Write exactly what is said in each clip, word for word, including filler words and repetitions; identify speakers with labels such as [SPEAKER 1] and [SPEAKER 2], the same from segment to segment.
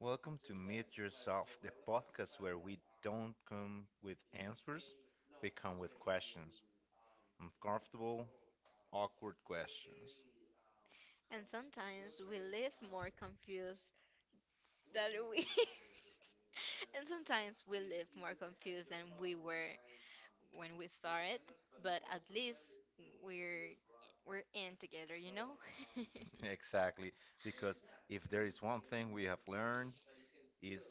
[SPEAKER 1] Welcome to Meet Yourself, the podcast where we don't come with answers, we come with questions. Uncomfortable, awkward questions.
[SPEAKER 2] And sometimes we live more confused than we and sometimes we live more confused than we were when we started, but at least we're we're in together, you know?
[SPEAKER 1] Exactly, because if there is one thing we have learned, it's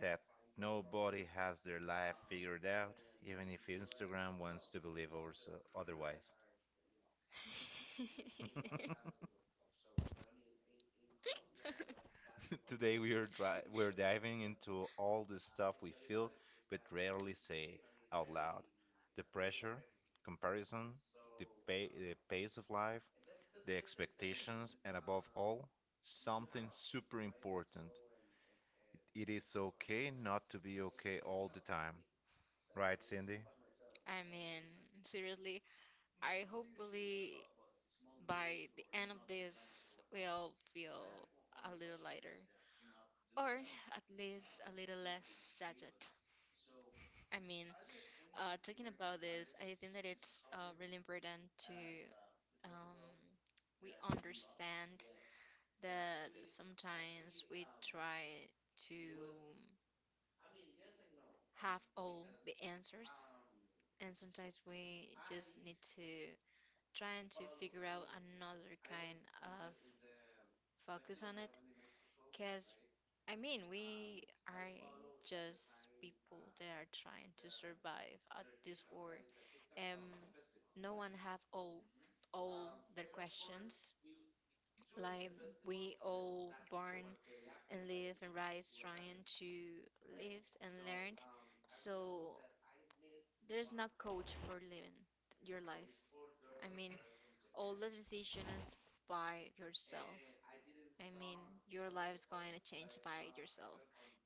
[SPEAKER 1] that nobody has their life figured out, even if Instagram wants to believe or otherwise. Today we are dri- we're diving into all the stuff we feel but rarely say out loud. The pressure, comparison, the, pay- the pace of life, the expectations, and above all, something super important. It is okay not to be okay all the time. Right, Cindy?
[SPEAKER 2] I mean, seriously, I hopefully by the end of this we'll feel a little lighter or at least a little less shattered. I mean, uh, talking about this, I think that it's uh, really important to um, we understand that sometimes we try to have all the answers, and sometimes we just need to trying to figure out another kind of focus on it because I mean, we are just people that are trying to survive at this war, and no one have all all their questions. Like we all born and live and rise trying to live and learn. So there's no coach for living your life. I mean, all the decision is by yourself. I mean, your life's going to change by yourself.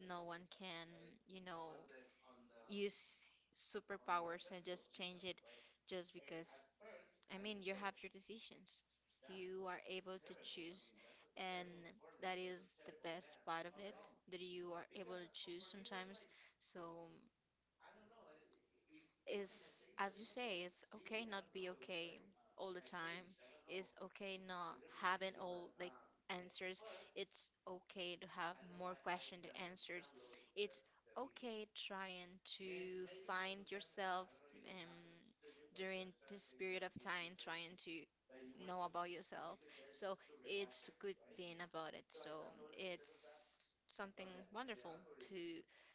[SPEAKER 2] No one can, you know, use superpowers and just change it just because. I mean, you have your decisions. You are able to choose, and that is the best part of it, that you are able to choose sometimes. So is as you say, it's okay not be okay all the time, it's okay not having all like answers, it's okay to have more questions than answers, it's okay trying to find yourself um, during this period of time trying to know about yourself, so it's a good thing about it, so it's something wonderful to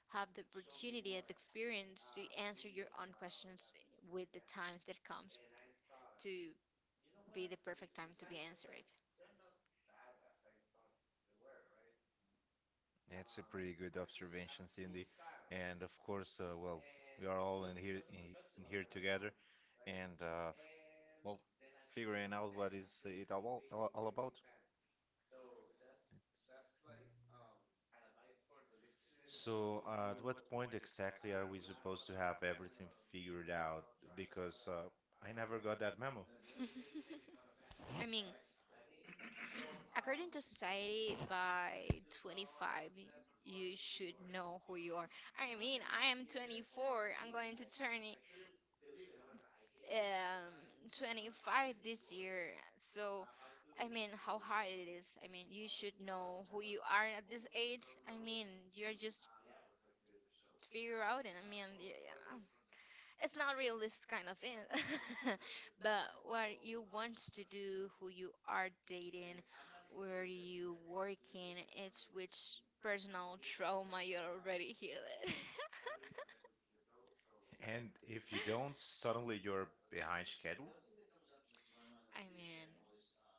[SPEAKER 2] have the opportunity and the experience to answer your own questions with the time that comes to be the perfect time to be answered.
[SPEAKER 1] That's a pretty good observation, Cindy. And of course, uh, well, we are all in here in, in here together, and uh, well, figuring out what is it all, all, all about. So, uh, at what point exactly are we supposed to have everything figured out? Because uh, I never got that memo.
[SPEAKER 2] I mean, according to society, by twenty-five, you should know who you are. I mean, I am twenty-four. I'm going to turn it um twenty-five this year. So, I mean, how hard it is. I mean, you should know who you are at this age. I mean, you're just figure out, and I mean, yeah. Yeah, it's not realist kind of thing. But what you want to do, who you are dating, where you working, it's which personal trauma you're already healing.
[SPEAKER 1] And if you don't, suddenly you're behind schedule.
[SPEAKER 2] I mean,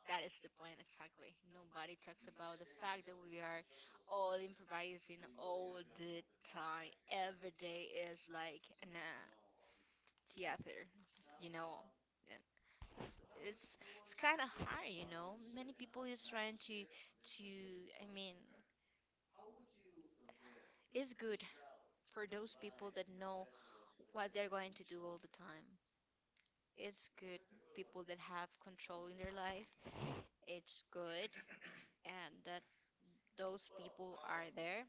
[SPEAKER 2] that is the point exactly. Nobody talks about the fact that we are all improvising all the time. Every day is like an uh, theater, you know. It's it's, it's kind of hard, you know. Many people is trying to to I mean, it's good for those people that know what they're going to do all the time. It's good people that have control in their life. It's good, and that those people are there.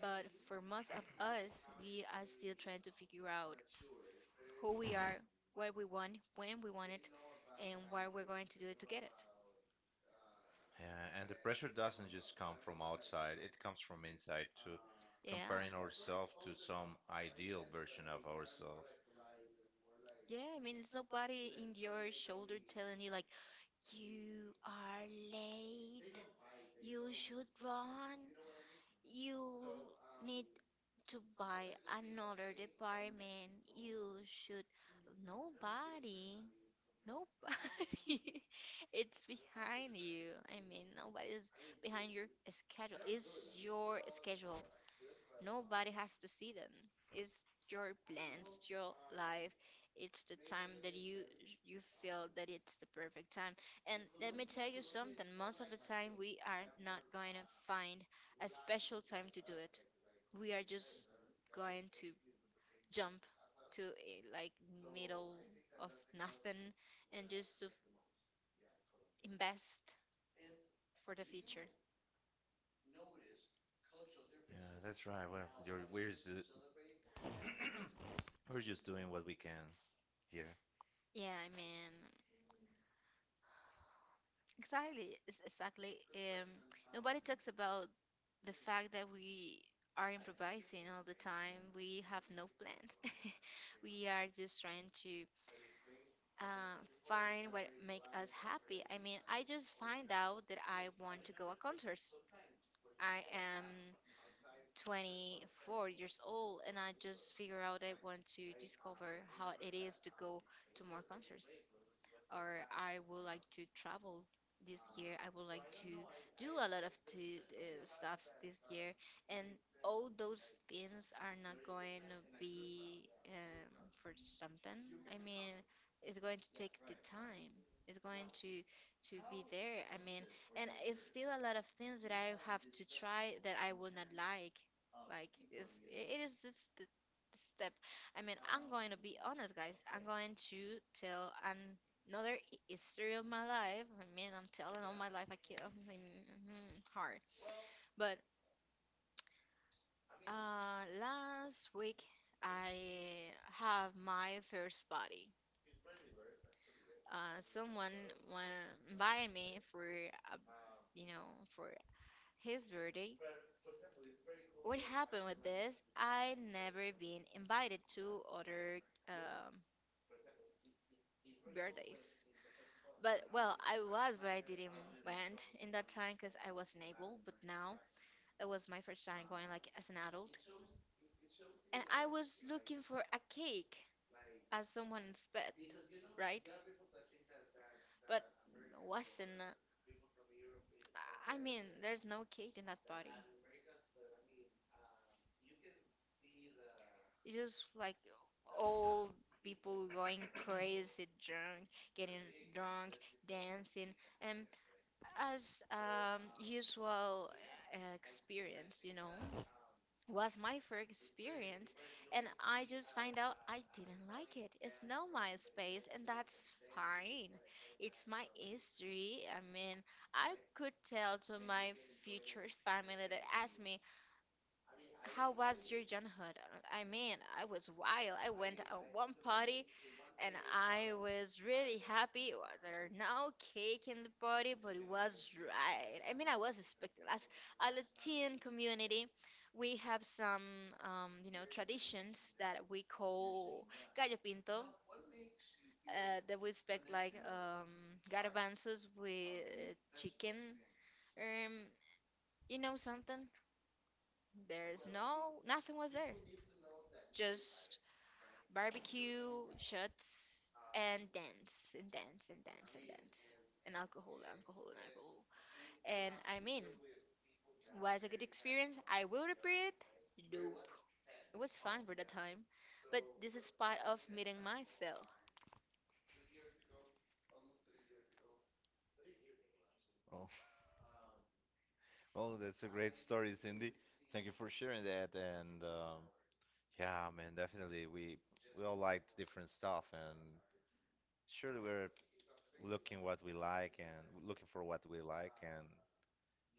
[SPEAKER 2] But for most of us, we are still trying to figure out who we are, what we want, when we want it, and why we're going to do it to get it.
[SPEAKER 1] Yeah, and the pressure doesn't just come from outside, it comes from inside too, comparing
[SPEAKER 2] Yeah.
[SPEAKER 1] ourselves to some ideal version of ourselves.
[SPEAKER 2] Yeah, I mean, it's nobody in your shoulder telling you, like, you are late, you should run, you need to buy another department, you should. Nobody, nobody, it's behind you. I mean, nobody's behind your schedule. It's your schedule. Nobody has to see them. It's your plan, it's your life. It's the time that you you feel that it's the perfect time. And let me tell you something, most of the time we are not going to find a special time to do it. We are just going to jump to eh, like middle of nothing and just to invest for the future.
[SPEAKER 1] Yeah, that's right. Well, you're we're just, we're just doing what we can here.
[SPEAKER 2] Yeah, I mean, Exactly, it's- exactly. Um, nobody talks about the fact that we are improvising all the time. We have no plans. We are just trying to uh, find what make us happy. I mean, I just find out that I want to go a concert. I am twenty-four years old and I just figure out I want to discover how it is to go to more concerts, or I would like to travel this year. I would like to do a lot of to, uh, stuff this year, and all those things are not going to be um, for something. I mean, it's going to take the time. It's going to to be there. I mean, and it's still a lot of things that I have to try that I will not like. Like it's it is this the the step. I mean, I'm going to be honest, guys. I'm going to tell an- another hi- history of my life. I mean, I'm telling all my life. I can't. I mean, mhm, hard. But uh, last week I have my first party. Uh, someone wa- invited me for a, you know, for his birthday. What happened with this? I never been invited to other um, birthdays. But well, I was, but I didn't went in that time because I wasn't able. But now it was my first time going like as an adult, and I was looking for a cake as someone's pet, right? But wasn't. uh, I mean, there's no kid in that party. It's just like old people going crazy, drunk, getting drunk, dancing, and as um, usual uh, experience, you know, was my first experience, and I just find out I didn't like it. It's not my space, and that's fine. It's my history. I mean, I could tell to my future family that asked me, how was your childhood? Uh, I mean, I was wild. I went on one party and I was really happy. Well, there are no cake in the party, but it was right. I mean, I was expecting. As a Latin community, we have some, um, you know, traditions that we call gallo pinto. Uh, that we expect like um, garbanzos with chicken. Um, you know something? There's no nothing was there. Just barbecue, shots, and dance and dance and dance and dance. And alcohol, alcohol, and alcohol. And I mean, was a good experience. I will repeat it. Nope. It was fun for the time. But this is part of meeting myself.
[SPEAKER 1] Oh, well, that's a great story, Cindy. Thank you for sharing that. And um, yeah, man, definitely we we all liked different stuff, and surely we're looking what we like and looking for what we like and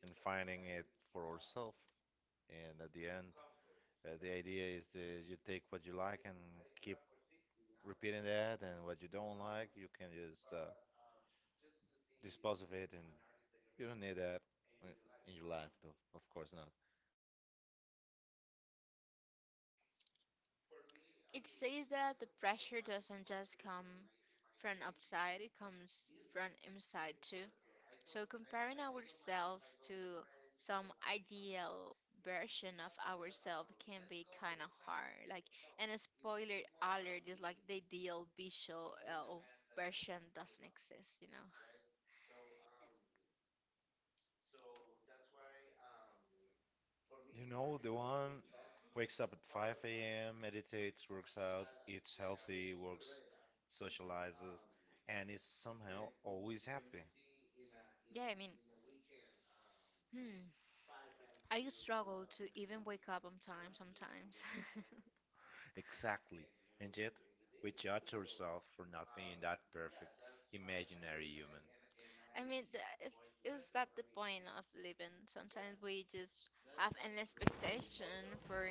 [SPEAKER 1] and finding it for ourselves. And at the end, uh, the idea is that you take what you like and keep repeating that, and what you don't like, you can just uh, dispose of it, and you don't need that i- in your life, though. Of course not.
[SPEAKER 2] It says that the pressure doesn't just come from outside, it comes from inside too. So, comparing ourselves to some ideal version of ourselves can be kind of hard. Like, and a spoiler alert is like the ideal visual uh, version doesn't exist, you know?
[SPEAKER 1] You know, the one wakes up at five a m, meditates, works out, eats healthy, works, socializes, and is somehow always happy.
[SPEAKER 2] Yeah, I mean, hmm. I struggle to even wake up on time sometimes.
[SPEAKER 1] Exactly. And yet, we judge ourselves for not being that perfect, imaginary human.
[SPEAKER 2] I mean, the, is is that the point of living? Sometimes we just have an expectation for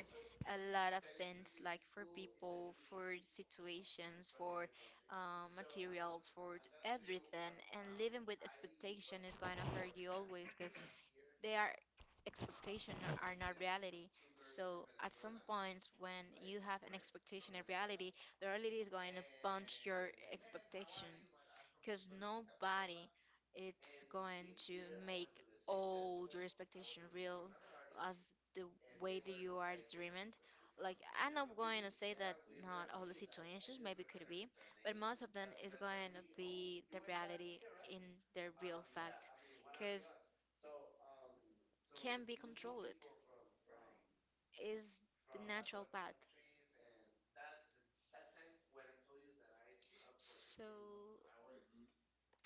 [SPEAKER 2] a lot of things, like for people, for situations, for uh, materials, for everything. And living with expectation is going to hurt you always, because their expectation are not reality. So at some points when you have an expectation and reality, the reality is going to punch your expectation because nobody it's going to make all your expectation real as the way that you are dreaming. Like, I'm not going to say that not all the situations maybe could be, but most of them is going to be the reality in the real fact, because can be controlled is the natural path. So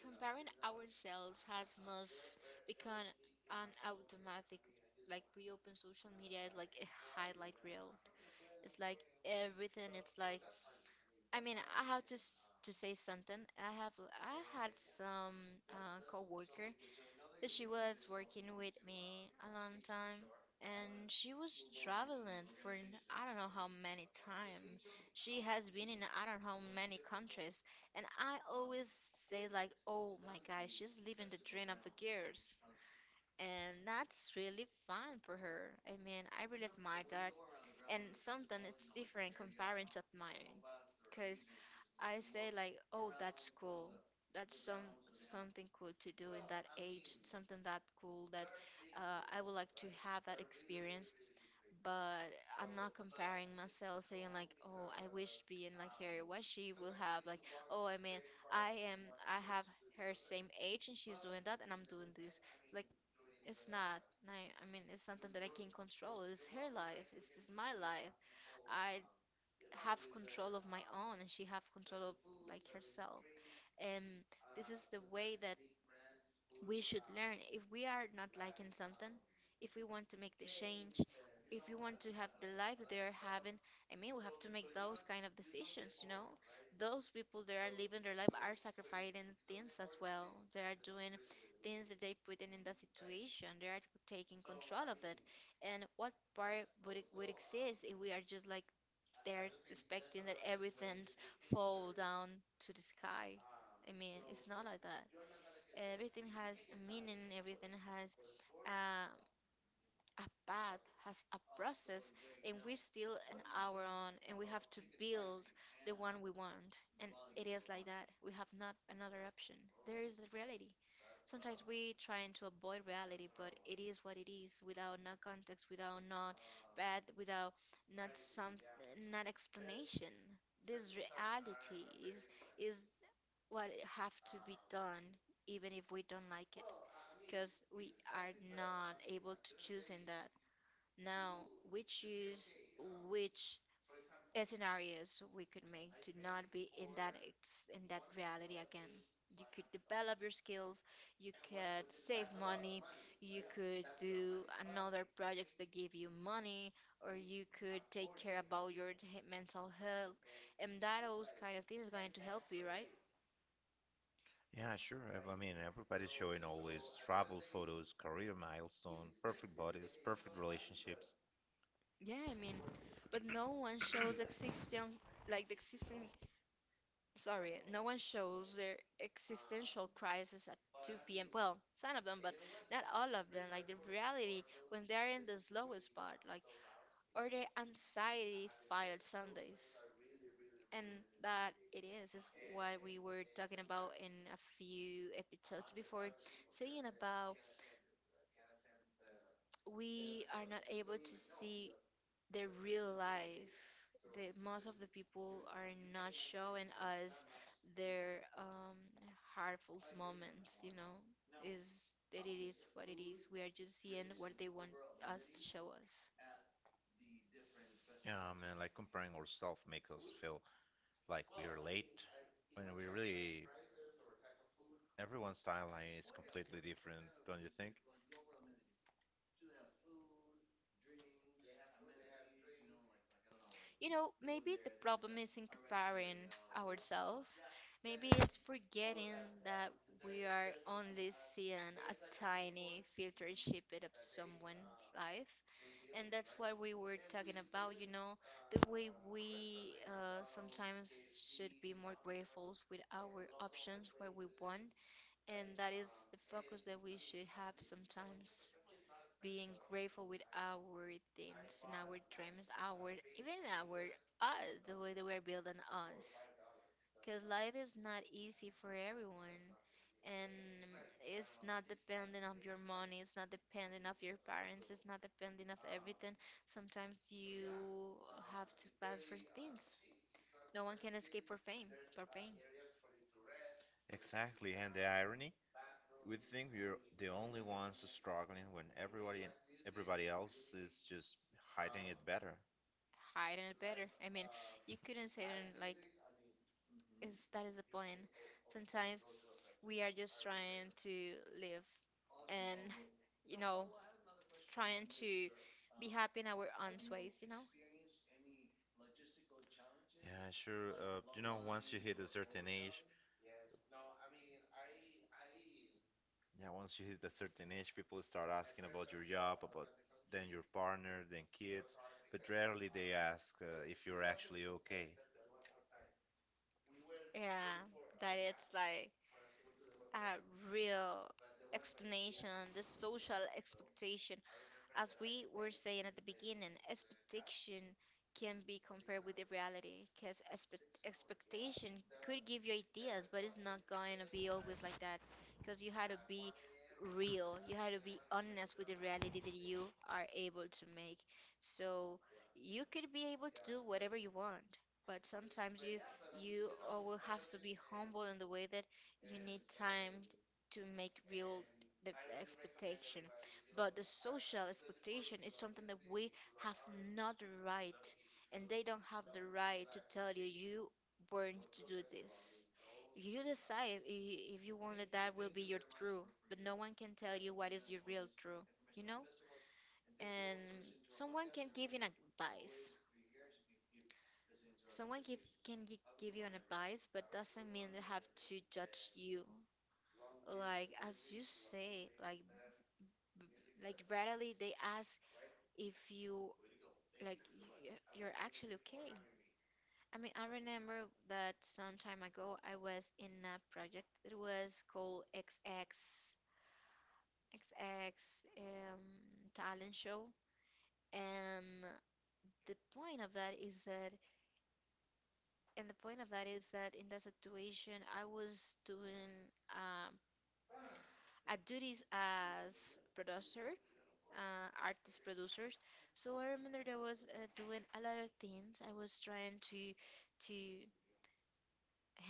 [SPEAKER 2] comparing ourselves has must become an automatic. Like, we open social media, it's like a highlight reel. It's like everything. So it's like I mean, I have to s- to say something. I have I had some uh, coworker. She was working with me a long time, and she was traveling for n- I don't know how many time. She has been in I don't know how many countries, and I always say like, oh my God, she's living the dream of the girls and that's really fun for her. I mean, I really admire that, and something it's different comparing to admiring, because I say like, oh, that's cool. That's some something cool to do in that age. Something that cool that uh, I would like to have that experience. But I'm not comparing myself, saying like, oh, I wish being like her. What she will have like, oh, I mean, I am, I have her same age and she's doing that and I'm doing this. Like, it's not. I, I mean, it's something that I can control. It's her life. It's, it's my life. I have control of my own, and she have control of like herself. And this is the way that we should learn. If we are not liking something, if we want to make the change, if we want to have the life they are having, I mean, we have to make those kind of decisions, you know? Those people that are living their life are sacrificing things as well. They are doing things that they put in in that situation. They are taking control of it. And what part would it, would exist if we are just like they're expecting that everything's fall down to the sky? I mean, it's not like that everything has a meaning. Everything has uh, a path, has a process, and we're still in our own, and we have to build the one we want. And it is like that. We have not another option. There is the reality. Sometimes we trying to avoid reality, but it is what it is, without no context, without not bad, without not some, not explanation. This reality is is what it have to be done, even if we don't like it because we are not able to choose in that. Now we choose which scenarios we could make to not be in that ex- in that reality again. You could develop your skills, you could save money, you could do another projects that give you money, or you could take care about your he- mental health, and that those kind of things is going to help you, right?
[SPEAKER 1] Yeah, sure. I I mean, everybody's showing always travel photos, career milestone, perfect bodies, perfect relationships.
[SPEAKER 2] Yeah, I mean, but no one shows existing like the existing sorry, no one shows their existential crisis at two p m. Well, some of them, but not all of them. Like the reality when they're in the slowest part, like, or the anxiety filed Sundays. And that it is, is what we were talking about in a few episodes before, saying about we are not able to see the real life. The most of the people are not showing us their um, harmful moments. You know, is that it is what it is. We are just seeing what they want us to show us.
[SPEAKER 1] Yeah, man, like comparing ourselves makes us feel like we Well, are late like when we really prices or type everyone's timeline is completely different, don't you think? like
[SPEAKER 2] You know, maybe the problem isn't comparing ourselves. Maybe it's forgetting that we are only seeing a tiny filter snippet of someone's life. And that's what we were talking about, you know, the way we uh, sometimes should be more grateful with our options, what we want. And that is the focus that we should have sometimes, being grateful with our things and our dreams, our even our us, the way that we are building us. Because life is not easy for everyone, and it's not dependent on your money. It's not dependent of your parents. It's not dependent of everything. Sometimes you have to pass for things. No one can escape for fame or pain.
[SPEAKER 1] Exactly, and the irony, we think we're the only ones struggling when everybody everybody else is just hiding um, it better.
[SPEAKER 2] Hide it better. I mean, you couldn't say it in, like. Is that is the point. Sometimes we are just trying to live and you know trying to be happy in our own ways, you know.
[SPEAKER 1] Yeah, sure. like Uh, you know, once you hit a certain age, yeah, once you hit a certain age, people start asking about your job, about then your partner, then kids, but rarely they ask uh, if you're actually okay.
[SPEAKER 2] Yeah, that it's like a real explanation, the social expectation. As we were saying at the beginning, expectation can be compared with the reality because expectation could give you ideas, but it's not going to be always like that because you had to be real, you had to be honest with the reality that you are able to make. So, you could be able to do whatever you want, but sometimes you you uh, will have to be humble in the way that you need time to make real the expectation. But the social expectation is something that we have not the right, and they don't have the right to tell you you weren't to do this. You decide if, if you want that that will be your true, but no one can tell you what is your real true. you know and someone can give you an advice. Someone give, can gi- give you an advice, but doesn't mean they have to judge you. Like as you say, like b- like readily they ask if you like y- you're actually okay. I mean, I remember that some time ago I was in a project that was called XX XX um, talent show, and the point of that is that and the point of that is that in that situation I was doing um I duties as producer, uh, artist producers. So I remember that I was uh, doing a lot of things. I was trying to to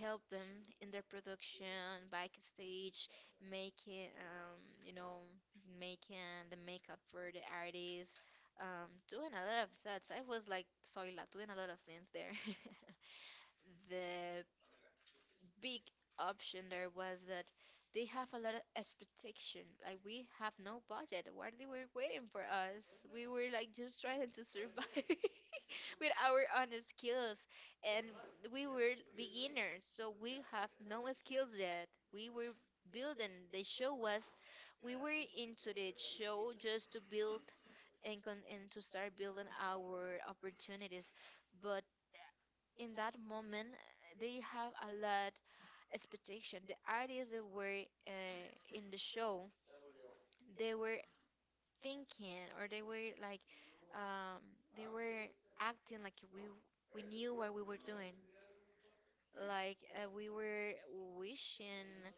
[SPEAKER 2] help them in their production backstage, making um you know making the makeup for the artists, um doing a lot of that. So I was like soila doing a lot of things there. The big option there was that they have a lot of expectation. Like we have no budget. What they were waiting for us? We were like just trying to survive with our own skills, and we were beginners, so we have no skills yet. We were building. The show was, we were into the show just to build and con- and to start building our opportunities, but in that moment uh, they have a lot expectation. The artists that were uh, in the show, they were thinking, or they were like, um, they were acting like we we knew what we were doing, like uh, we were wishing.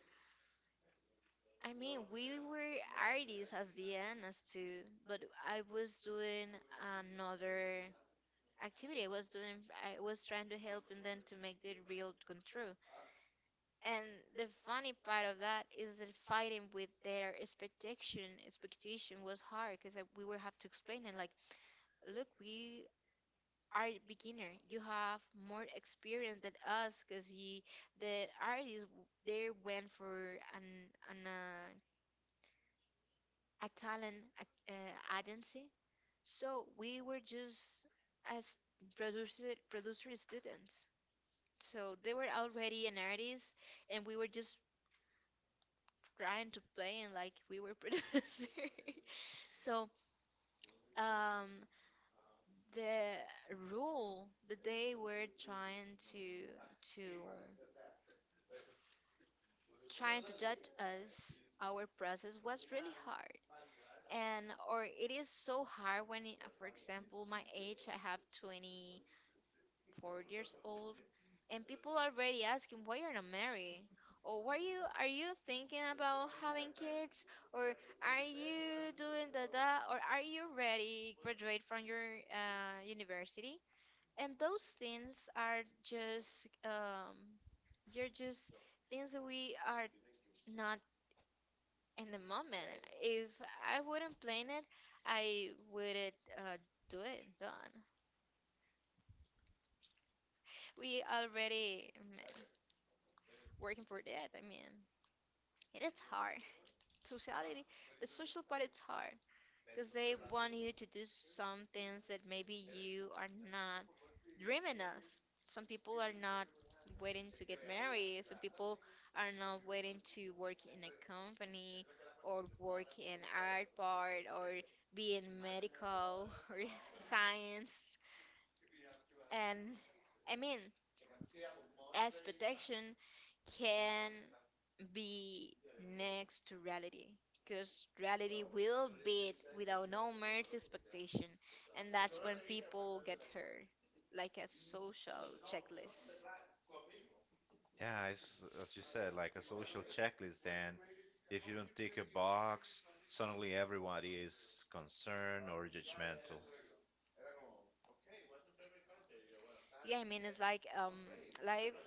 [SPEAKER 2] I mean, we were artists as the end as to, but I was doing another activity. i was doing I was trying to help and then to make the real come true. And the funny part of that is that fighting with their expectation expectation was hard because we would have to explain it like, look, we are beginner. You have more experience than us because the artists w- they went for an an uh, a talent uh, agency. So we were just as producer producer students. So they were already an artist, and we were just trying to play and like we were producer. So um, the rule that they were trying to to trying to judge us our process was really hard. And or it is so hard when, for example, my age, I have twenty-four years old, and people are already asking why you're not married, or why you are you thinking about having kids, or are you doing that, that or are you ready graduate from your uh, university? And those things are just um, they're just things that we are not in the moment. If I wouldn't plan it, I wouldn't uh, do it. Done. We already um, working for that. I mean. It is hard. Sociality, the social part, it's hard because they want you to do some things that maybe you are not dreaming of. Some people are not waiting to get married. Some people are not waiting to work in a company, or work in art part, or be in medical or science. And I mean, as protection can be next to reality because reality will beat without no mercy expectation, and that's when people get hurt, like a social checklist.
[SPEAKER 1] Yeah, it's as you said, like a social checklist, and if you don't tick a box, suddenly everybody is concerned or judgmental.
[SPEAKER 2] Yeah, I mean, it's like um life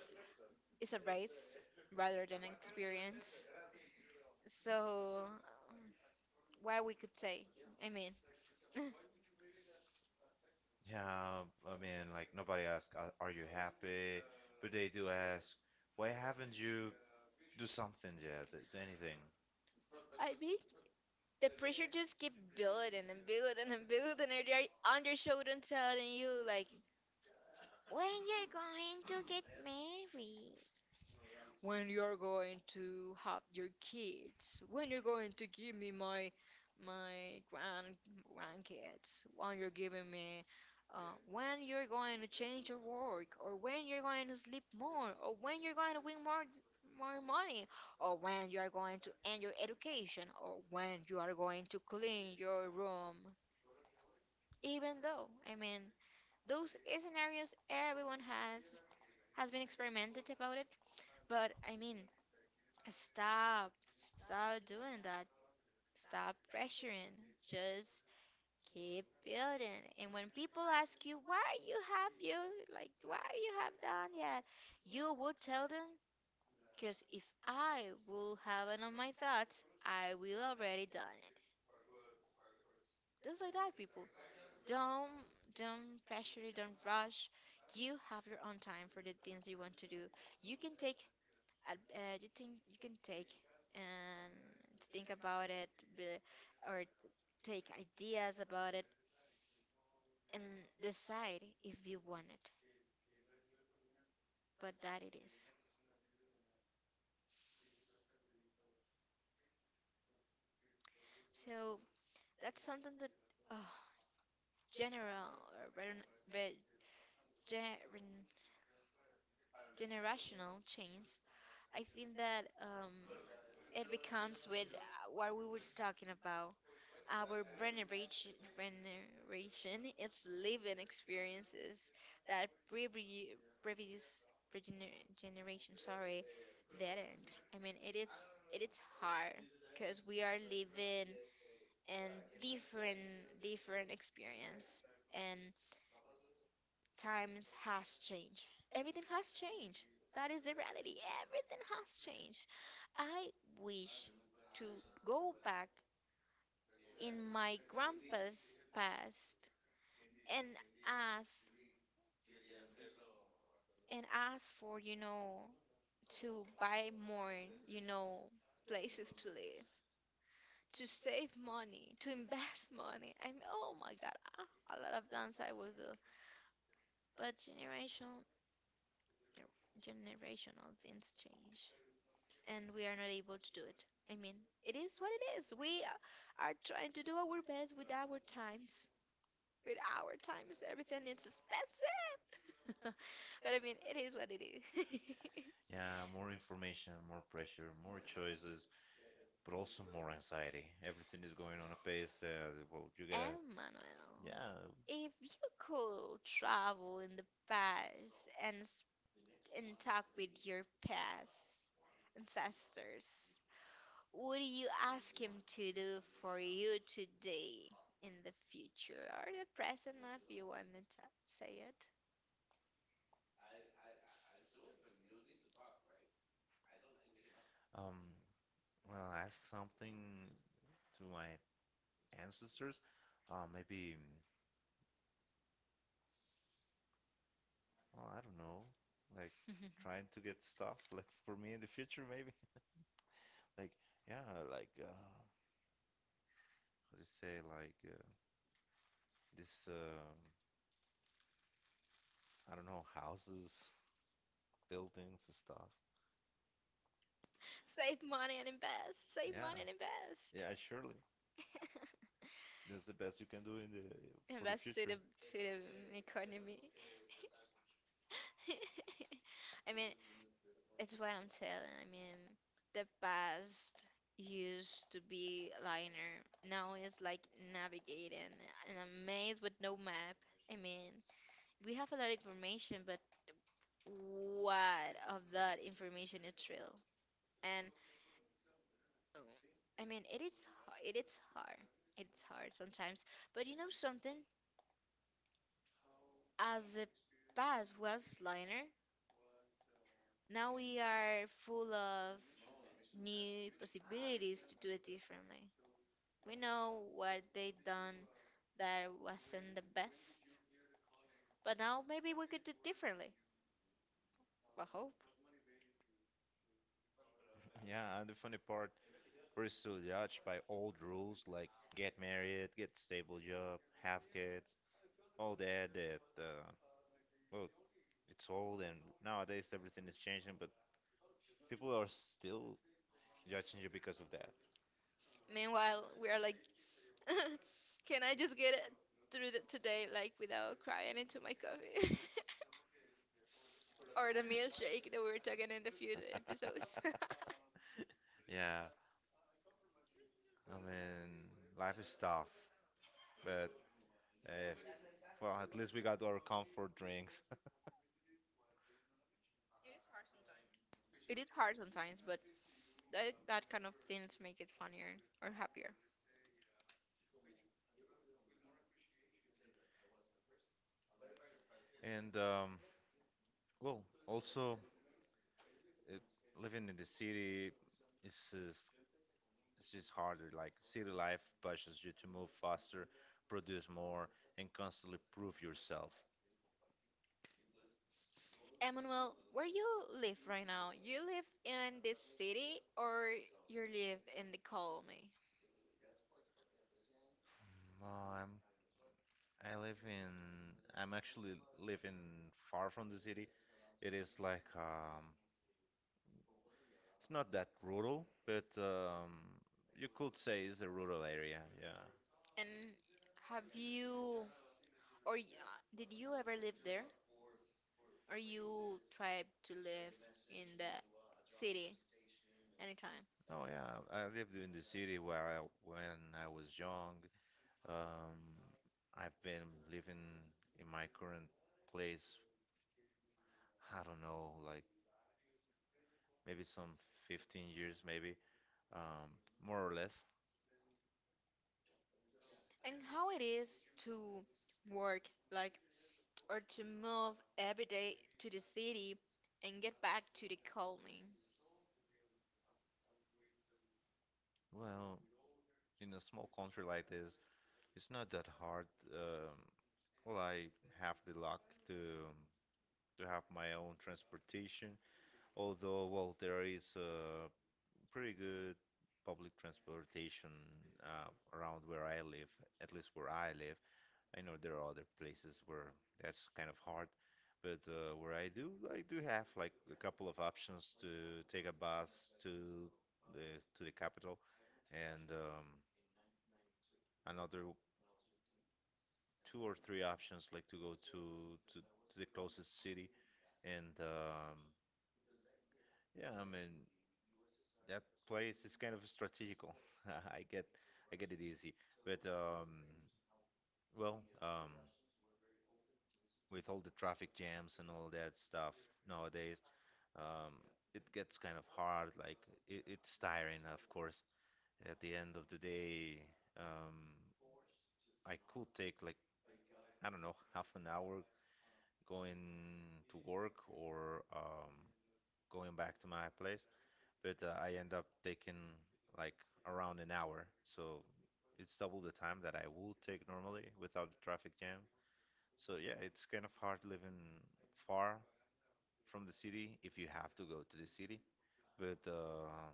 [SPEAKER 2] is a race rather than an experience. So um, what we could say, I mean.
[SPEAKER 1] Yeah, I mean, like nobody asks, "Are are you happy?" But they do ask, "Why haven't you do something yet? Th- Anything?"
[SPEAKER 2] I mean, the pressure just keep building and building and building, and they're on their shoulder telling you like, when you're going to get married, when you're going to have your kids, when you're going to give me my my grand grandkids, when you're giving me, uh, when you're going to change your work, or when you're going to sleep more, or when you're going to win more more money, or when you are going to end your education, or when you are going to clean your room. Even though, I mean, those scenarios everyone has has been experimented about it, but I mean, stop. Stop doing that. Stop pressuring. Just keep building. And when people ask you, why you have you like why you have done yet, you would tell them, because if I will have it on my thoughts, I will already done it. Just like that, people. Don't don't pressure it, don't rush. You have your own time for the things you want to do. You can take ad- uh, you think you can take and think about it, be- or take ideas about it and decide if you want it. But that it is. So that's something that oh, general or very, very gen- generational change. I think that um, it becomes with uh, what we were talking about. Our generation, generation is living experiences that previous, previous regener- generation, sorry, didn't. I mean, it is it is hard because we are living in different different experience, and times has changed. Everything has changed. That is the reality. Everything has changed. I wish to go back in my grandpa's past and ask and ask for, you know, to buy more, you know, places to live, to save money, to invest money. I mean, oh my God, ah, a lot of things I will do. But generation, generational things change, and we are not able to do it. I mean, it is what it is. We are trying to do our best with our times. With our time is everything. It's expensive. But I mean, it is what it is.
[SPEAKER 1] Yeah, more information, more pressure, more choices, but also more anxiety. Everything is going on a pace. Uh, well, you gotta,
[SPEAKER 2] Emmanuel,
[SPEAKER 1] yeah.
[SPEAKER 2] yeah, if you could travel in the past and s- and talk with your past ancestors, what do you ask him to do for you today in the future or the present, if you want to t- say it?
[SPEAKER 1] Um, well, ask something to my ancestors. Uh, maybe, well, I don't know, like trying to get stuff like for me in the future, maybe. Like, yeah, like, uh, how do you say, like, uh, this, um I don't know, houses, buildings, and stuff.
[SPEAKER 2] Save money and invest. Save
[SPEAKER 1] Yeah,
[SPEAKER 2] money and invest.
[SPEAKER 1] yeah, surely. That's the best you can do in the for the
[SPEAKER 2] Invest to
[SPEAKER 1] future.
[SPEAKER 2] the to the economy. I mean, it's what I'm telling. I mean, the past used to be liner. Now it's like navigating in a maze with no map. I mean, we have a lot of information, but what of that information is real? And Oh, I mean, it is h- it is hard. It's hard sometimes. But you know something? As the past was liner, now we are full of new possibilities to do it differently. We know what they done that wasn't the best, but now maybe we could do differently. I hope.
[SPEAKER 1] Yeah, and the funny part, we're still judged by old rules like get married, get stable job, have kids, all that. That uh, well, it's old, and nowadays everything is changing, but people are still judging you because of that.
[SPEAKER 2] Meanwhile, we are like, can I just get it through the, today, like without crying into my coffee? Or the milkshake that we were talking in the few episodes.
[SPEAKER 1] Yeah, I mean, life is tough, but uh, well, at least we got our comfort drinks.
[SPEAKER 2] It is hard sometimes, but that, that kind of things make it funnier or happier.
[SPEAKER 1] And um, well, also uh, living in the city is is it's just harder. Like city life pushes you to move faster, produce more, and constantly prove yourself.
[SPEAKER 2] Emmanuel, where you live right now, you live in the city or you live in the colony?
[SPEAKER 1] Um, I'm I live in I'm actually living far from the city. It is like um it's not that rural, but um you could say it's a rural area. Yeah.
[SPEAKER 2] And have you or y- uh, did you ever live there? Or you tried to live in the city anytime?
[SPEAKER 1] No, yeah. I lived in the city where I, when I was young. Um, I've been living in my current place, I don't know, like maybe some fifteen years, maybe, um, more or less.
[SPEAKER 2] And how it is to work like or to move every day to the city and get back to the calming.
[SPEAKER 1] Well, in a small country like this, it's not that hard. Um, well, I have the luck to to have my own transportation, although, well, there is uh, pretty good public transportation uh, around where I live, at least where I live. I know there are other places where that's kind of hard, but uh, where I do, I do have like a couple of options to take a bus to the to the capital, and um, another two or three options like to go to to, to the closest city. And um, yeah, I mean that place is kind of strategical. I get I get it easy, but um, well, um, with all the traffic jams and all that stuff nowadays, um, it gets kind of hard. Like it, it's tiring, of course. At the end of the day, um, I could take like I don't know half an hour going to work or um, going back to my place. But uh, I end up taking like around an hour. So it's double the time that I would take normally without the traffic jam. So yeah, it's kind of hard living far from the city if you have to go to the city. But um,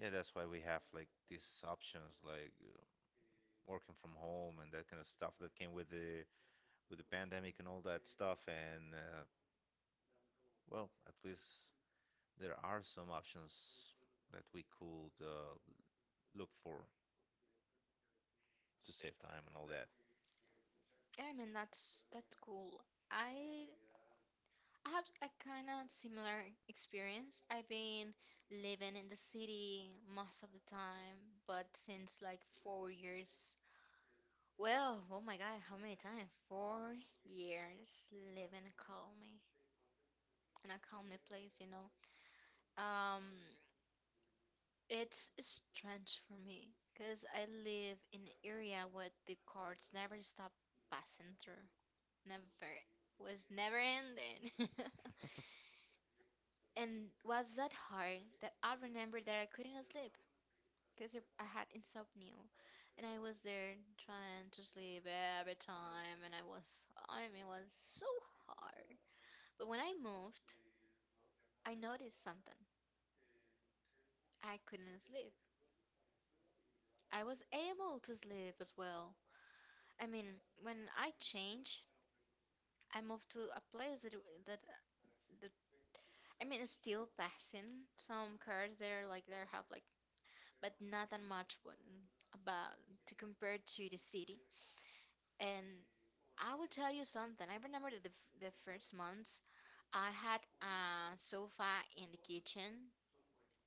[SPEAKER 1] yeah, that's why we have like these options like uh, working from home and that kind of stuff that came with the with the pandemic and all that stuff. And uh, well, at least there are some options that we could uh, look for to save time and all that.
[SPEAKER 2] Yeah, I mean that's that's cool. I I have a kind of similar experience. I've been living in the city most of the time, but since like four years. Well, oh my God, how many times? Four years living calmly in a calmly place, you know. Um, It's strange for me because I live in an area where the cars never stop passing through. Never. Was never ending. And was that hard that I remember that I couldn't sleep because I had insomnia. And I was there trying to sleep every time and I was, I mean, it was so hard. But when I moved, I noticed something. I couldn't sleep. I was able to sleep as well. I mean, when I change, I moved to a place that w- that that I mean, it's still passing some cars there, like there have like, but not that much when about to compare to the city. And I will tell you something. I remember that the f- the first months I had a sofa in the kitchen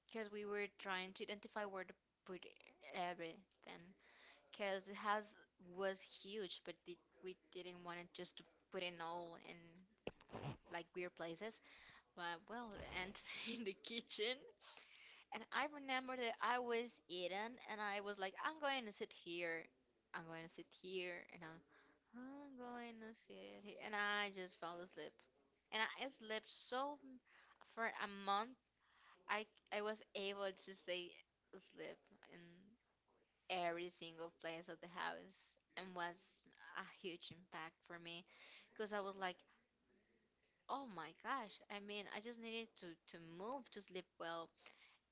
[SPEAKER 2] because we were trying to identify where to put everything because the house was huge, but the, we didn't want it just to put in all in like weird places. But well, ants in the kitchen. And I remember that I was eating and I was like, I'm going to sit here. I'm going to sit here and I'm, I'm going to sit here. And I just fell asleep. And I slept so for a month. I I was able to stay asleep in every single place of the house and was a huge impact for me because I was like, oh my gosh. I mean, I just needed to to move to sleep well.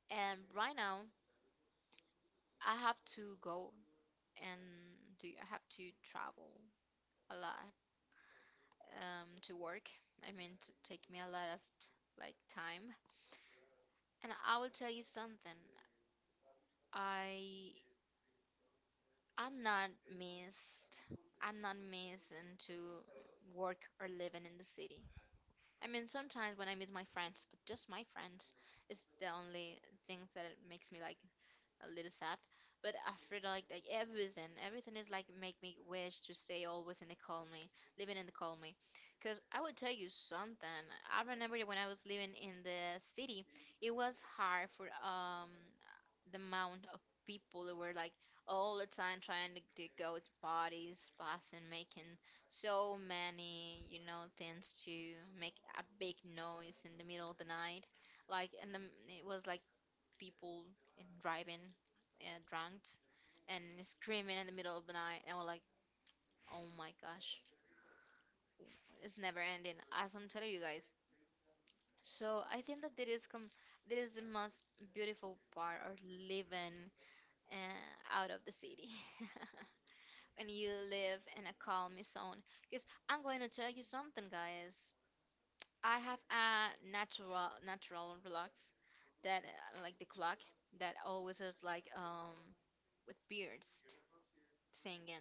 [SPEAKER 2] And right now, I have to go and do I have to travel a lot um to work. I mean, to take me a lot of like time. And I will tell you something. I I'm not missed. I'm not missed into work or living in the city. I mean, sometimes when I meet my friends, but just my friends, it's the only things that it makes me like a little sad. But after like, like everything, everything is like make me wish to stay always in the colony, living in the colony. Cause I would tell you something. I remember that when I was living in the city, it was hard for um the amount of people that were like all the time trying to, to go to parties, bars, and making so many, you know, things to make a big noise in the middle of the night. Like, and the, it was like people in driving uh, drunk and screaming in the middle of the night and we're like, oh my gosh, it's never ending as I'm telling you guys. So I think that there is com- there is the most beautiful part of living uh, out of the city. When you live in a calm zone, because I'm going to tell you something guys, I have a natural natural relax that uh, like the clock that always is like um with beards singing,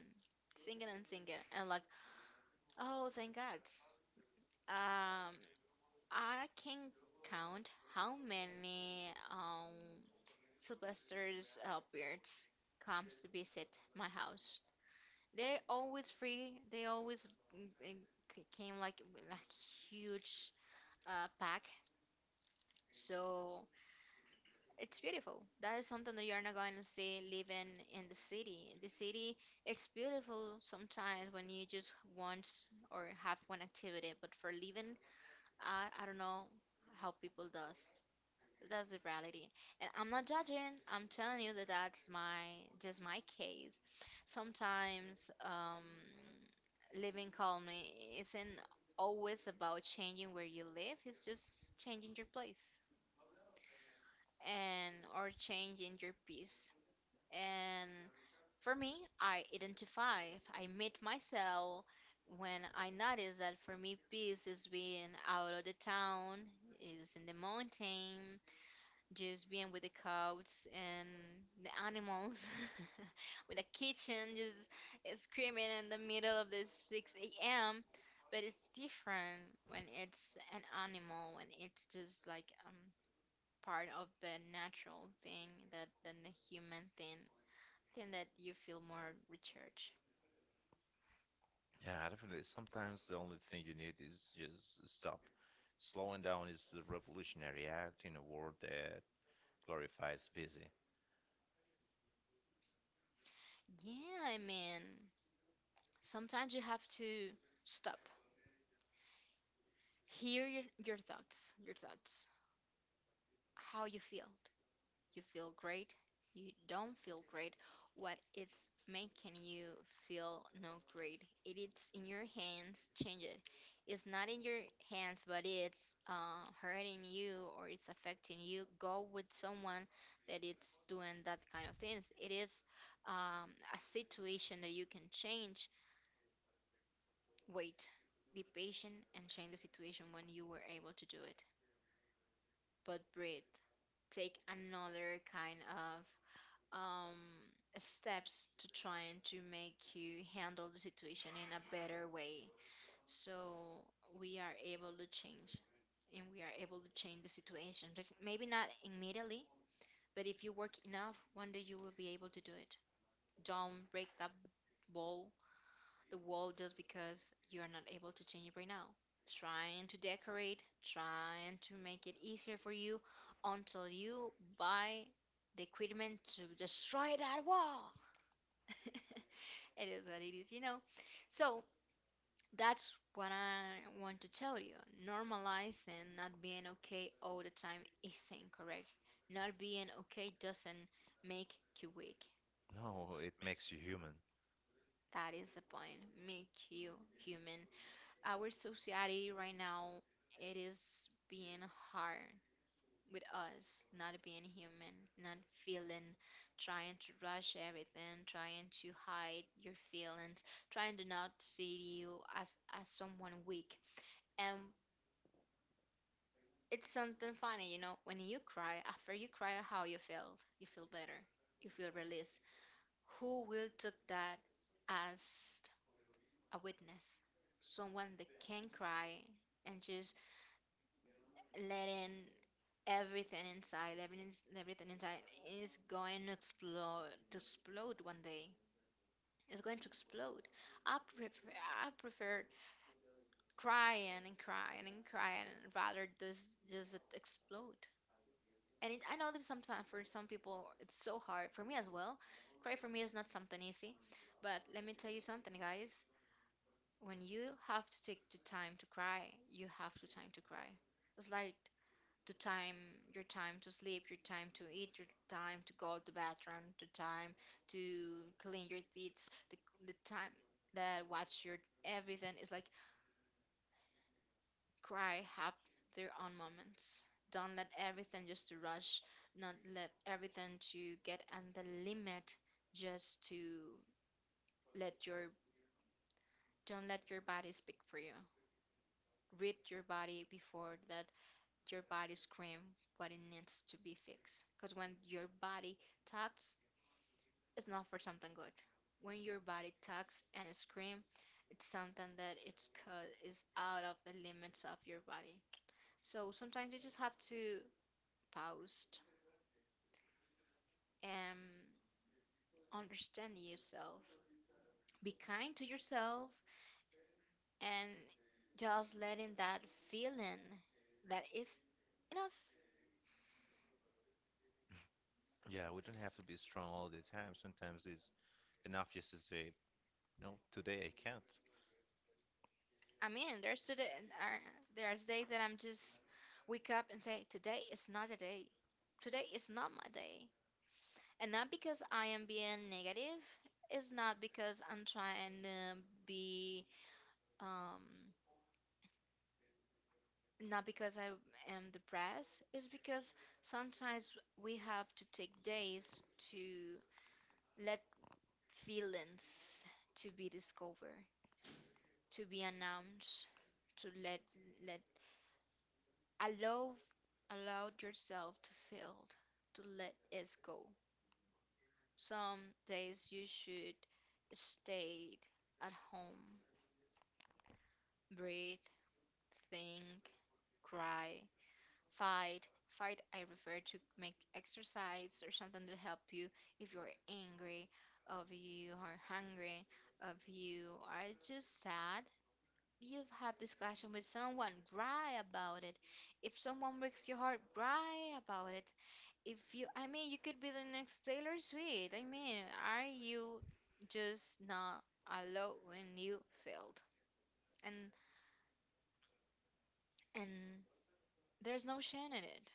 [SPEAKER 2] singing and singing, and like, oh, thank God. Um, I can count how many um Sylvester's uh, beards comes to visit my house. They're always free. They always mm, mm, c- came like with a huge uh, pack. So it's beautiful. That is something that you're not going to see living in the city. The city, it's beautiful sometimes when you just want or have one activity, but for living, I, I don't know how people does. That's the reality. And I'm not judging. I'm telling you that that's my just my case. Sometimes um, living calmly isn't always about changing where you live. It's just changing your place and or changing your peace. And for me, I identify, I meet myself when I notice that for me, peace is being out of the town, is in the mountain, just being with the cows and the animals, with the kitchen, just screaming in the middle of the six a m. But it's different when it's an animal, when it's just like um part of the natural thing that than the human thing thing that you feel more recharged.
[SPEAKER 1] Yeah, definitely. Sometimes the only thing you need is just stop. Slowing down is the revolutionary act in a world that glorifies busy.
[SPEAKER 2] Yeah, I mean sometimes you have to stop, hear your, your thoughts your thoughts, how you feel. You feel great, you don't feel great, what is making you feel not great. It is in your hands, change it. It's not in your hands, but it's uh, hurting you or it's affecting you. Go with someone that it's doing that kind of things. It is um, a situation that you can change. Wait, be patient and change the situation when you were able to do it. But breathe, take another kind of um, steps to trying to make you handle the situation in a better way. So we are able to change and we are able to change the situation. Just maybe not immediately, but if you work enough, one day you will be able to do it. Don't break that wall, the wall just because you are not able to change it right now. Trying to decorate, trying to make it easier for you until you buy the equipment to destroy that wall. It is what it is, you know. So that's what I want to tell you. Normalizing not being okay all the time is incorrect. Not being okay doesn't make you weak.
[SPEAKER 1] No, it makes you human.
[SPEAKER 2] That is the point. Make you human. Our society right now, it is being hard with us not being human, not feeling, trying to rush everything, trying to hide your feelings, trying to not see you as as someone weak. And it's something funny, you know, when you cry, after you cry, how you feel, you feel better, you feel released. Who will took that as a witness, someone that can cry and just letting everything inside, everything, everything inside is going to explode, to explode one day. It's going to explode. I prefer, I prefer crying and crying and crying rather just just it explode. And it, I know that sometimes for some people it's so hard. For me as well, cry for me is not something easy. But let me tell you something, guys. When you have to take the time to cry, you have the time to cry. It's like the time your time to sleep, your time to eat, your time to go to bathroom, the time to clean your teeth, the, the time that watch your everything is like cry have their own moments. Don't let everything just to rush, not let everything to get on the limit just to let your don't let your body speak for you, read your body before that your body scream what it needs to be fixed, because when your body talks, it's not for something good. When your body tugs and screams, it's something that it's cut is out of the limits of your body. So sometimes you just have to pause and understand yourself. Be kind to yourself and just letting that feeling that is enough.
[SPEAKER 1] Yeah, we don't have to be strong all the time. Sometimes it's enough just to say, no, today I can't.
[SPEAKER 2] I mean, there's today, uh, there's days that I'm just wake up and say, today is not a day. Today is not my day. And not because I am being negative. It's not because I'm trying to be um not because I am depressed. It's because sometimes we have to take days to let feelings to be discovered, to be announced, to let let allow allow yourself to feel, to let it go. Some days you should stay at home, breathe, think, cry, fight. Fight, I refer to make exercise or something to help you if you're angry, if you are hungry, if you are just sad. You've had discussion with someone, cry about it. If someone breaks your heart, cry about it. If you, I mean, you could be the next Taylor Swift. I mean, are you just not alone when you failed? And and there's no shame in it.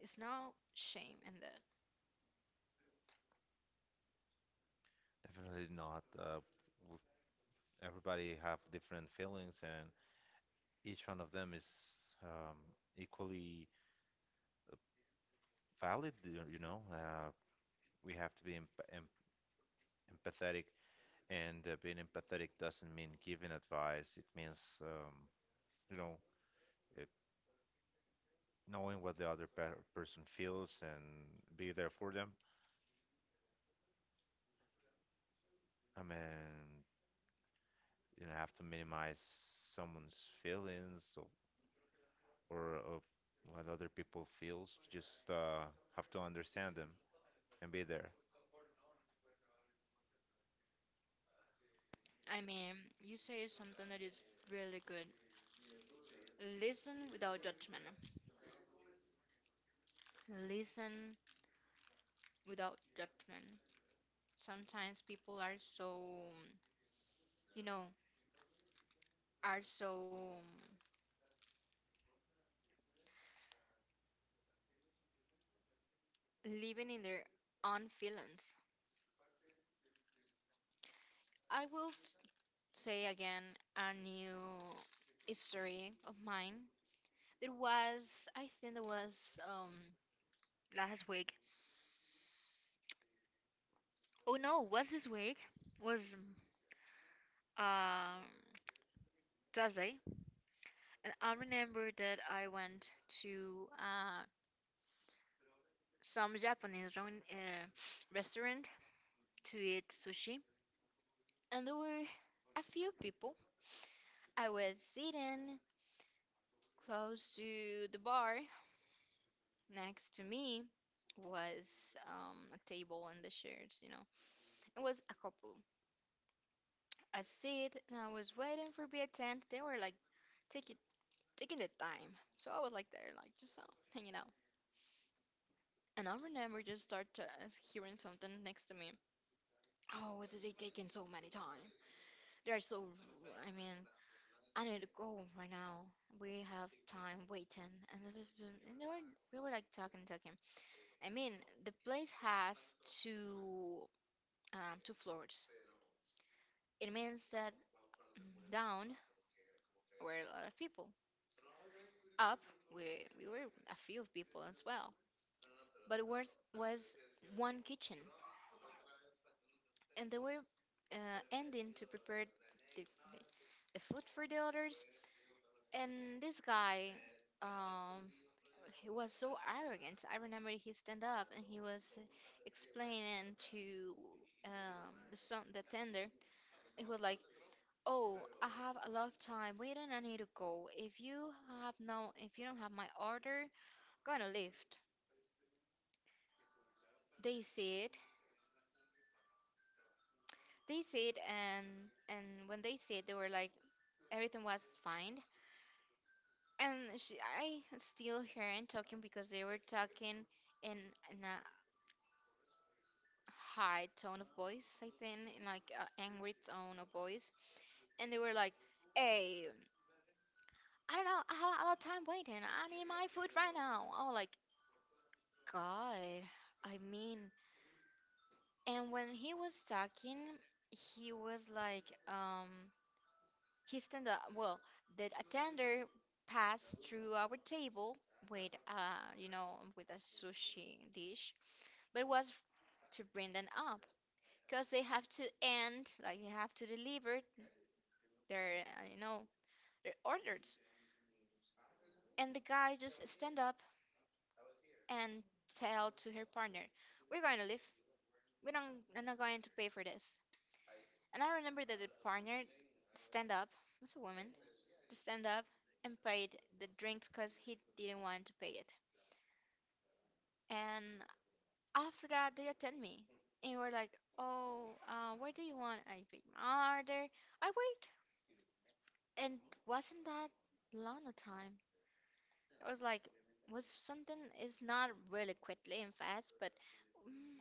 [SPEAKER 2] It's no shame in that.
[SPEAKER 1] Definitely not. Uh, w- Everybody have different feelings, and each one of them is um, equally valid. You you know, uh, we have to be em em empathetic, and uh, being empathetic doesn't mean giving advice. It means, um, you know, it, knowing what the other per person feels and be there for them. I mean, you know, have to minimize someone's feelings or, or, uh what other people feels. Just uh, have to understand them and be there.
[SPEAKER 2] I mean, you say something that is really good. Listen without judgment. Listen without judgment. Sometimes people are so, you know, are so living in their own feelings. I will say again a new history of mine. It was, I think it was um, last week. Oh no, was this week? Was um does they? And I remember that I went to uh, some Japanese ramen, uh, restaurant to eat sushi, and there were a few people. I was sitting close to the bar. Next to me was um, a table and the chairs. You know, it was a couple. I sit and I was waiting for be attended. They were like taking taking the time, so I was like there, like just uh, hanging out. And I remember just start uh, hearing something next to me. Oh, is it taking so many time? They're so, I mean, I need to go right now. We have time waiting, and it is- and they were, we were like talking, talking. I mean, the place has two um, two floors. It means that down were a lot of people. Up, we we were a few people as well. But it was was one kitchen, and they were uh, ending to prepare the, the the food for the others. And this guy, um, he was so arrogant. I remember he stand up and he was explaining to um some the tender. He was like, "Oh, I have a lot of time waiting. I need to go. If you have no, if you don't have my order, I'm gonna leave." They said, they said, and and when they said, they were like, everything was fine. And she, I still hearing talking because they were talking in in a high tone of voice, I think, in like uh, angry tone of voice, and they were like, "Hey, I don't know, I have a lot of time waiting. I need my food right now." Oh, like God, I mean, and when he was talking, he was like, um, he stand up. Well, the attender passed through our table with uh, you know, with a sushi dish, but was to bring them up because they have to end, like they have to deliver their uh, you know their orders, and the guy just stand up and tell to her partner we're going to leave, we don't, I'm not going to pay for this. And I remember that the partner stand up, it's a woman, to stand up and paid the drinks because he didn't want to pay it. And after that, they attend me and were like, "Oh, uh, what do you want?" I paid my order. I wait, and wasn't that long a time? I was like, was something is not really quickly and fast, but mm,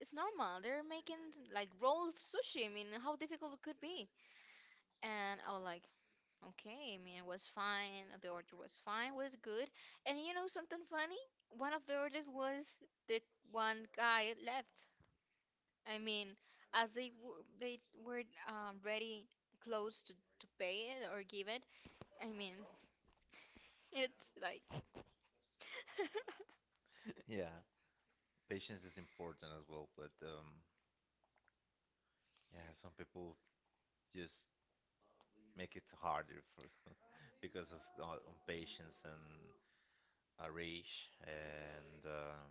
[SPEAKER 2] it's normal. They're making like roll of sushi. I mean, how difficult it could be? And I was like, okay. I mean, it was fine. The order was fine. Was good. And you know something funny? One of the orders was the one guy left. I mean, as they w- they were um, ready, close to to pay it or give it. I mean, it's like.
[SPEAKER 1] Yeah, patience is important as well, but um, yeah, some people just make it harder for because of uh, impatience and a rage and um,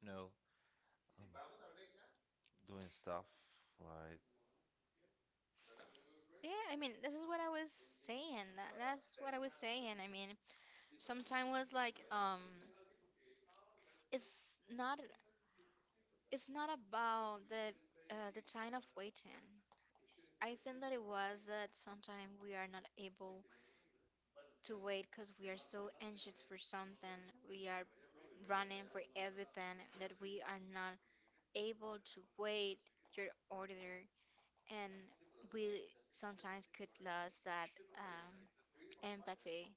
[SPEAKER 1] you know um, doing stuff like
[SPEAKER 2] Yeah, I mean, this is what I was saying. That, that's what I was saying. I mean, sometimes was like, um, it's not, it's not about the, uh, the time of waiting. I think that it was that sometimes we are not able to wait because we are so anxious for something. We are running for everything that we are not able to wait your order, and we sometimes could lose that um, empathy.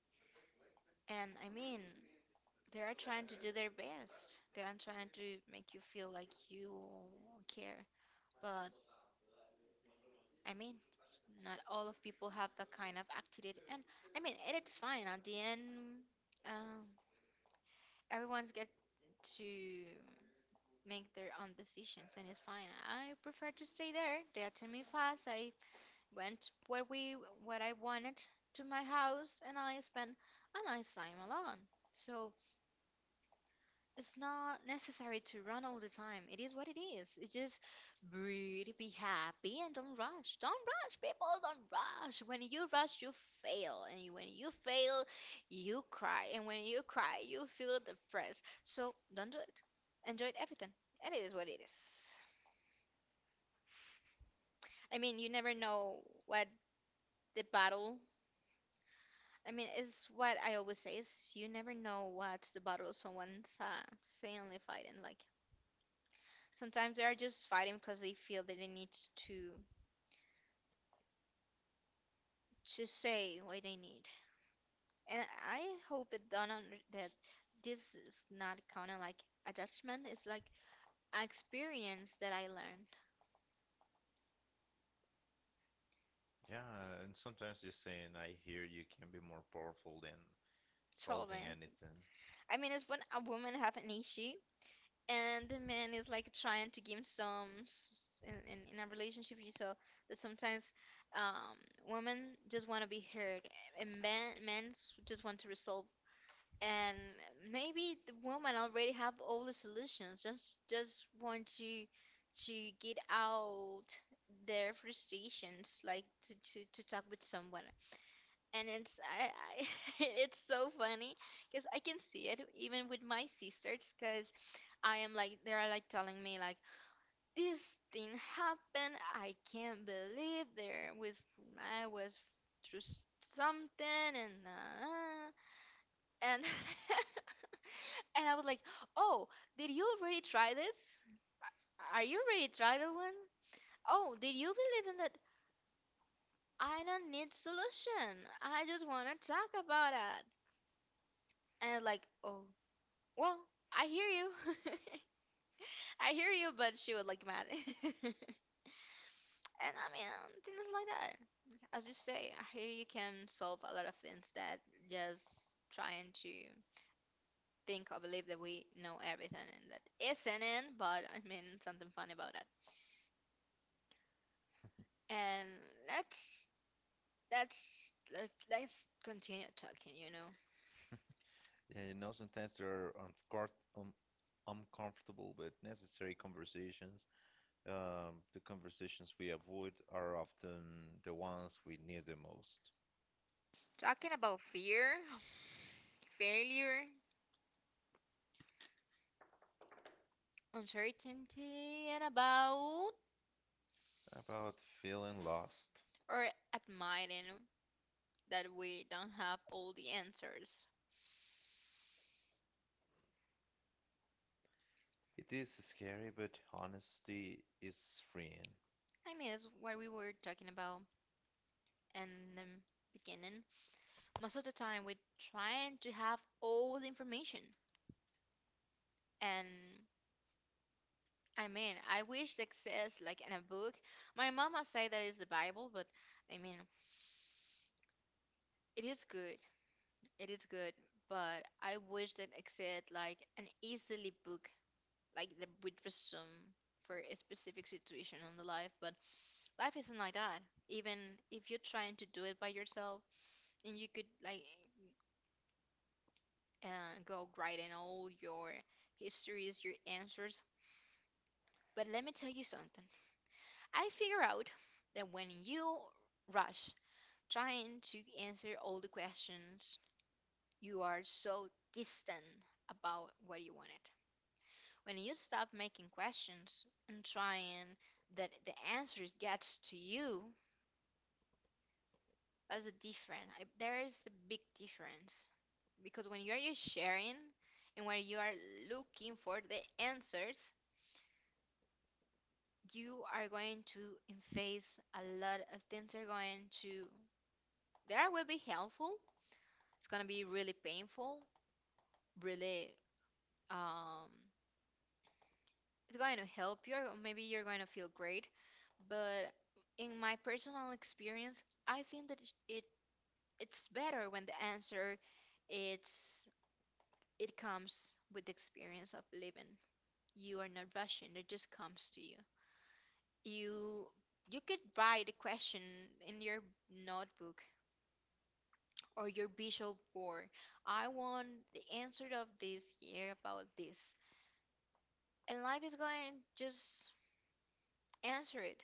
[SPEAKER 2] And I mean, they are trying to do their best. They are trying to make you feel like you care. But I mean, not all of people have that kind of attitude, and I mean, it's fine. At the end, um, everyone's get to make their own decisions, and it's fine. I prefer to stay there. They attend me fast. I went where we what I wanted to my house, and I spent a nice time alone. So it's not necessary to run all the time. It is what it is. It's just breathe, be happy, and don't rush. Don't rush, people. Don't rush. When you rush, you fail. And when you fail, you cry. And when you cry, you feel depressed. So don't do it. Enjoy everything. And it is what it is. I mean, you never know what the battle. I mean, it's what I always say is you never know what's the battle someone's uh, silently fighting. Like, sometimes they are just fighting because they feel that they need to to say what they need. And I hope it don't under that this is not kind of like a judgment. It's like an experience that I learned.
[SPEAKER 1] yeah, and sometimes just saying I hear you can be more powerful than
[SPEAKER 2] So
[SPEAKER 1] solving
[SPEAKER 2] man,
[SPEAKER 1] anything.
[SPEAKER 2] I mean, it's when a woman have an issue and the man is like trying to give him some s- in, in, in a relationship. You saw that sometimes um women just want to be heard, and men men just want to resolve, and maybe the woman already have all the solutions, just just want to to get out their frustrations, like to, to, to talk with someone. And it's I, I it's so funny because I can see it even with my sisters because I am like they're like telling me like this thing happened, I can't believe there was I was through something and uh, and and I was like, "Oh, did you already try this? Are you ready to try that one? Oh, did you believe in that? I don't need solution. I just want to talk about it." And like, "Oh, well, I hear you. I hear you," but she was like mad. And I mean, things like that. As you say, I hear you can solve a lot of things that just trying to think or believe that we know everything and that isn't it, but I mean something fun about it. And let's let's let's let's continue talking, you know.
[SPEAKER 1] Yeah, you know, sometimes there are uncor- um, uncomfortable but necessary conversations. Um, the conversations we avoid are often the ones we need the most.
[SPEAKER 2] Talking about fear, failure, uncertainty, and about
[SPEAKER 1] About feeling lost.
[SPEAKER 2] or admitting that we don't have all the answers.
[SPEAKER 1] It is scary, but honesty is freeing.
[SPEAKER 2] I mean, that's what we were talking about in the beginning. Most of the time, we're trying to have all the information. And I mean, I wish that exists like in a book. My mama say that is the Bible, but I mean, it is good. It is good, but I wish that exist like an easily book, like the with resume for a specific situation on the life. But life isn't like that. Even if you're trying to do it by yourself, and you could like uh, go write in all your histories, your answers. But let me tell you something. I figure out that when you rush trying to answer all the questions, you are so distant about what you wanted. When you stop making questions and trying that the answer gets to you, that's a different. I- There is a big difference because when you are sharing and when you are looking for the answers, you are going to face a lot of things. Are going to there will be helpful. It's gonna be really painful, really um it's going to help you or maybe you're going to feel great, but in my personal experience I think that it, it's better when the answer it's it comes with the experience of living, you are not rushing, it just comes to you. you you could write a question in your notebook or your visual board, I want the answer of this year about this, and life is going to just answer it,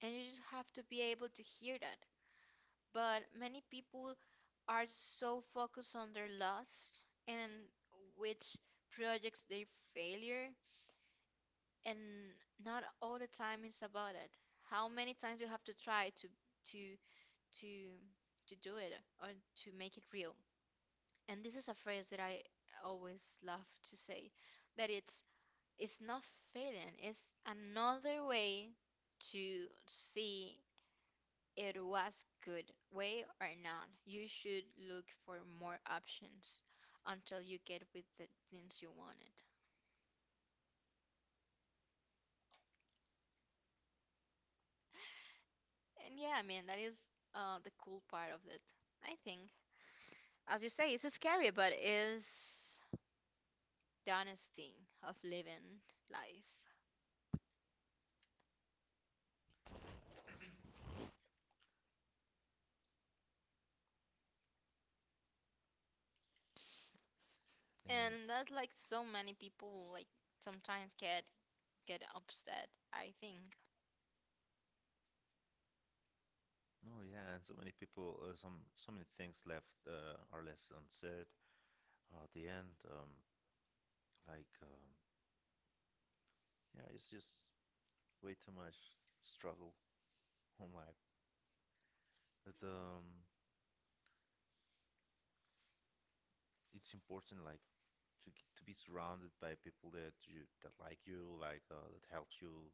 [SPEAKER 2] and you just have to be able to hear that. But many people are so focused on their loss and which projects they failure, and not all the time it's about it. How many times you have to try to to to to do it or to make it real? And this is a phrase that I always love to say, that it's it's not failing, it's another way to see it was good way or not, you should look for more options until you get with the things you wanted. And yeah, I mean that is uh, the cool part of it, I think. As you say, it's scary, but it's the honesty of living life.
[SPEAKER 1] And
[SPEAKER 2] And that's like so many people like sometimes get get upset, I think.
[SPEAKER 1] oh yeah, and so many people, uh, some so many things left uh, are left unsaid. Uh, at the end, um, like um, yeah, it's just way too much struggle on life. That um, it's important like to g- to be surrounded by people that you that like you, like uh, that helps you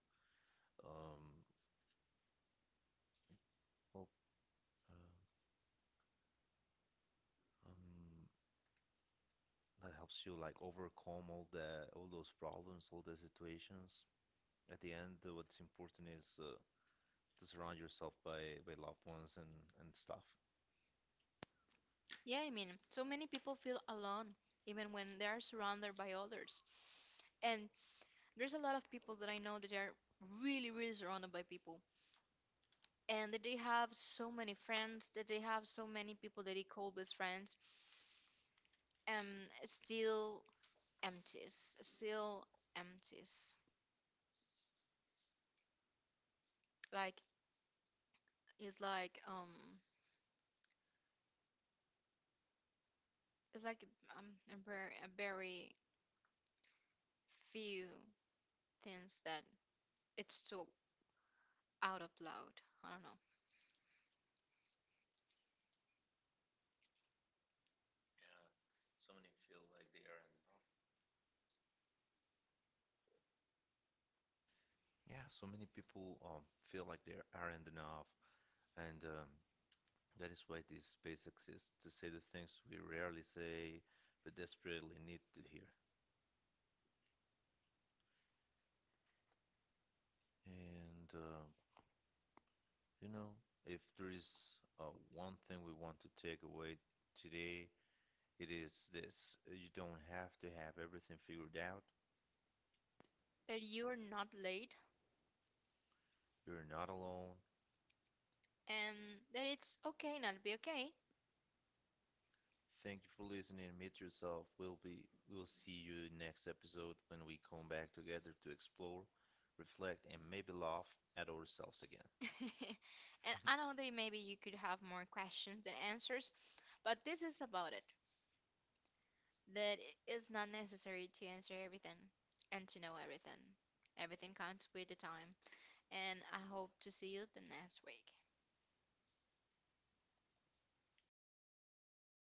[SPEAKER 1] um, well uh, um, that helps you like overcome all the all those problems, all the situations. At the end, uh, what's important is uh, to surround yourself by by loved ones and and stuff.
[SPEAKER 2] Yeah, I mean so many people feel alone even when they are surrounded by others, and there's a lot of people that I know that are really, really surrounded by people and that they have so many friends, that they have so many people that they call best friends, um, still empties, still empties. Like, it's like, um, it's like um, a very, a very few things that it's so out of loud. I don't know.
[SPEAKER 1] Yeah, so many people um, feel like they aren't enough, and um, that is why this space exists to say the things we rarely say but desperately need to hear. And, uh, you know, if there is uh, one thing we want to take away today, it is this. You don't have to have everything figured out.
[SPEAKER 2] That you're not late
[SPEAKER 1] You're not alone.
[SPEAKER 2] and that it's okay not to be okay.
[SPEAKER 1] Thank you for listening. Meet yourself. We'll be we'll see you next episode when we come back together to explore, reflect, and maybe laugh at ourselves again.
[SPEAKER 2] And I know that maybe you could have more questions than answers, but this is about it, that it is not necessary to answer everything and to know everything. Everything comes with the time, and I hope to see you the next week.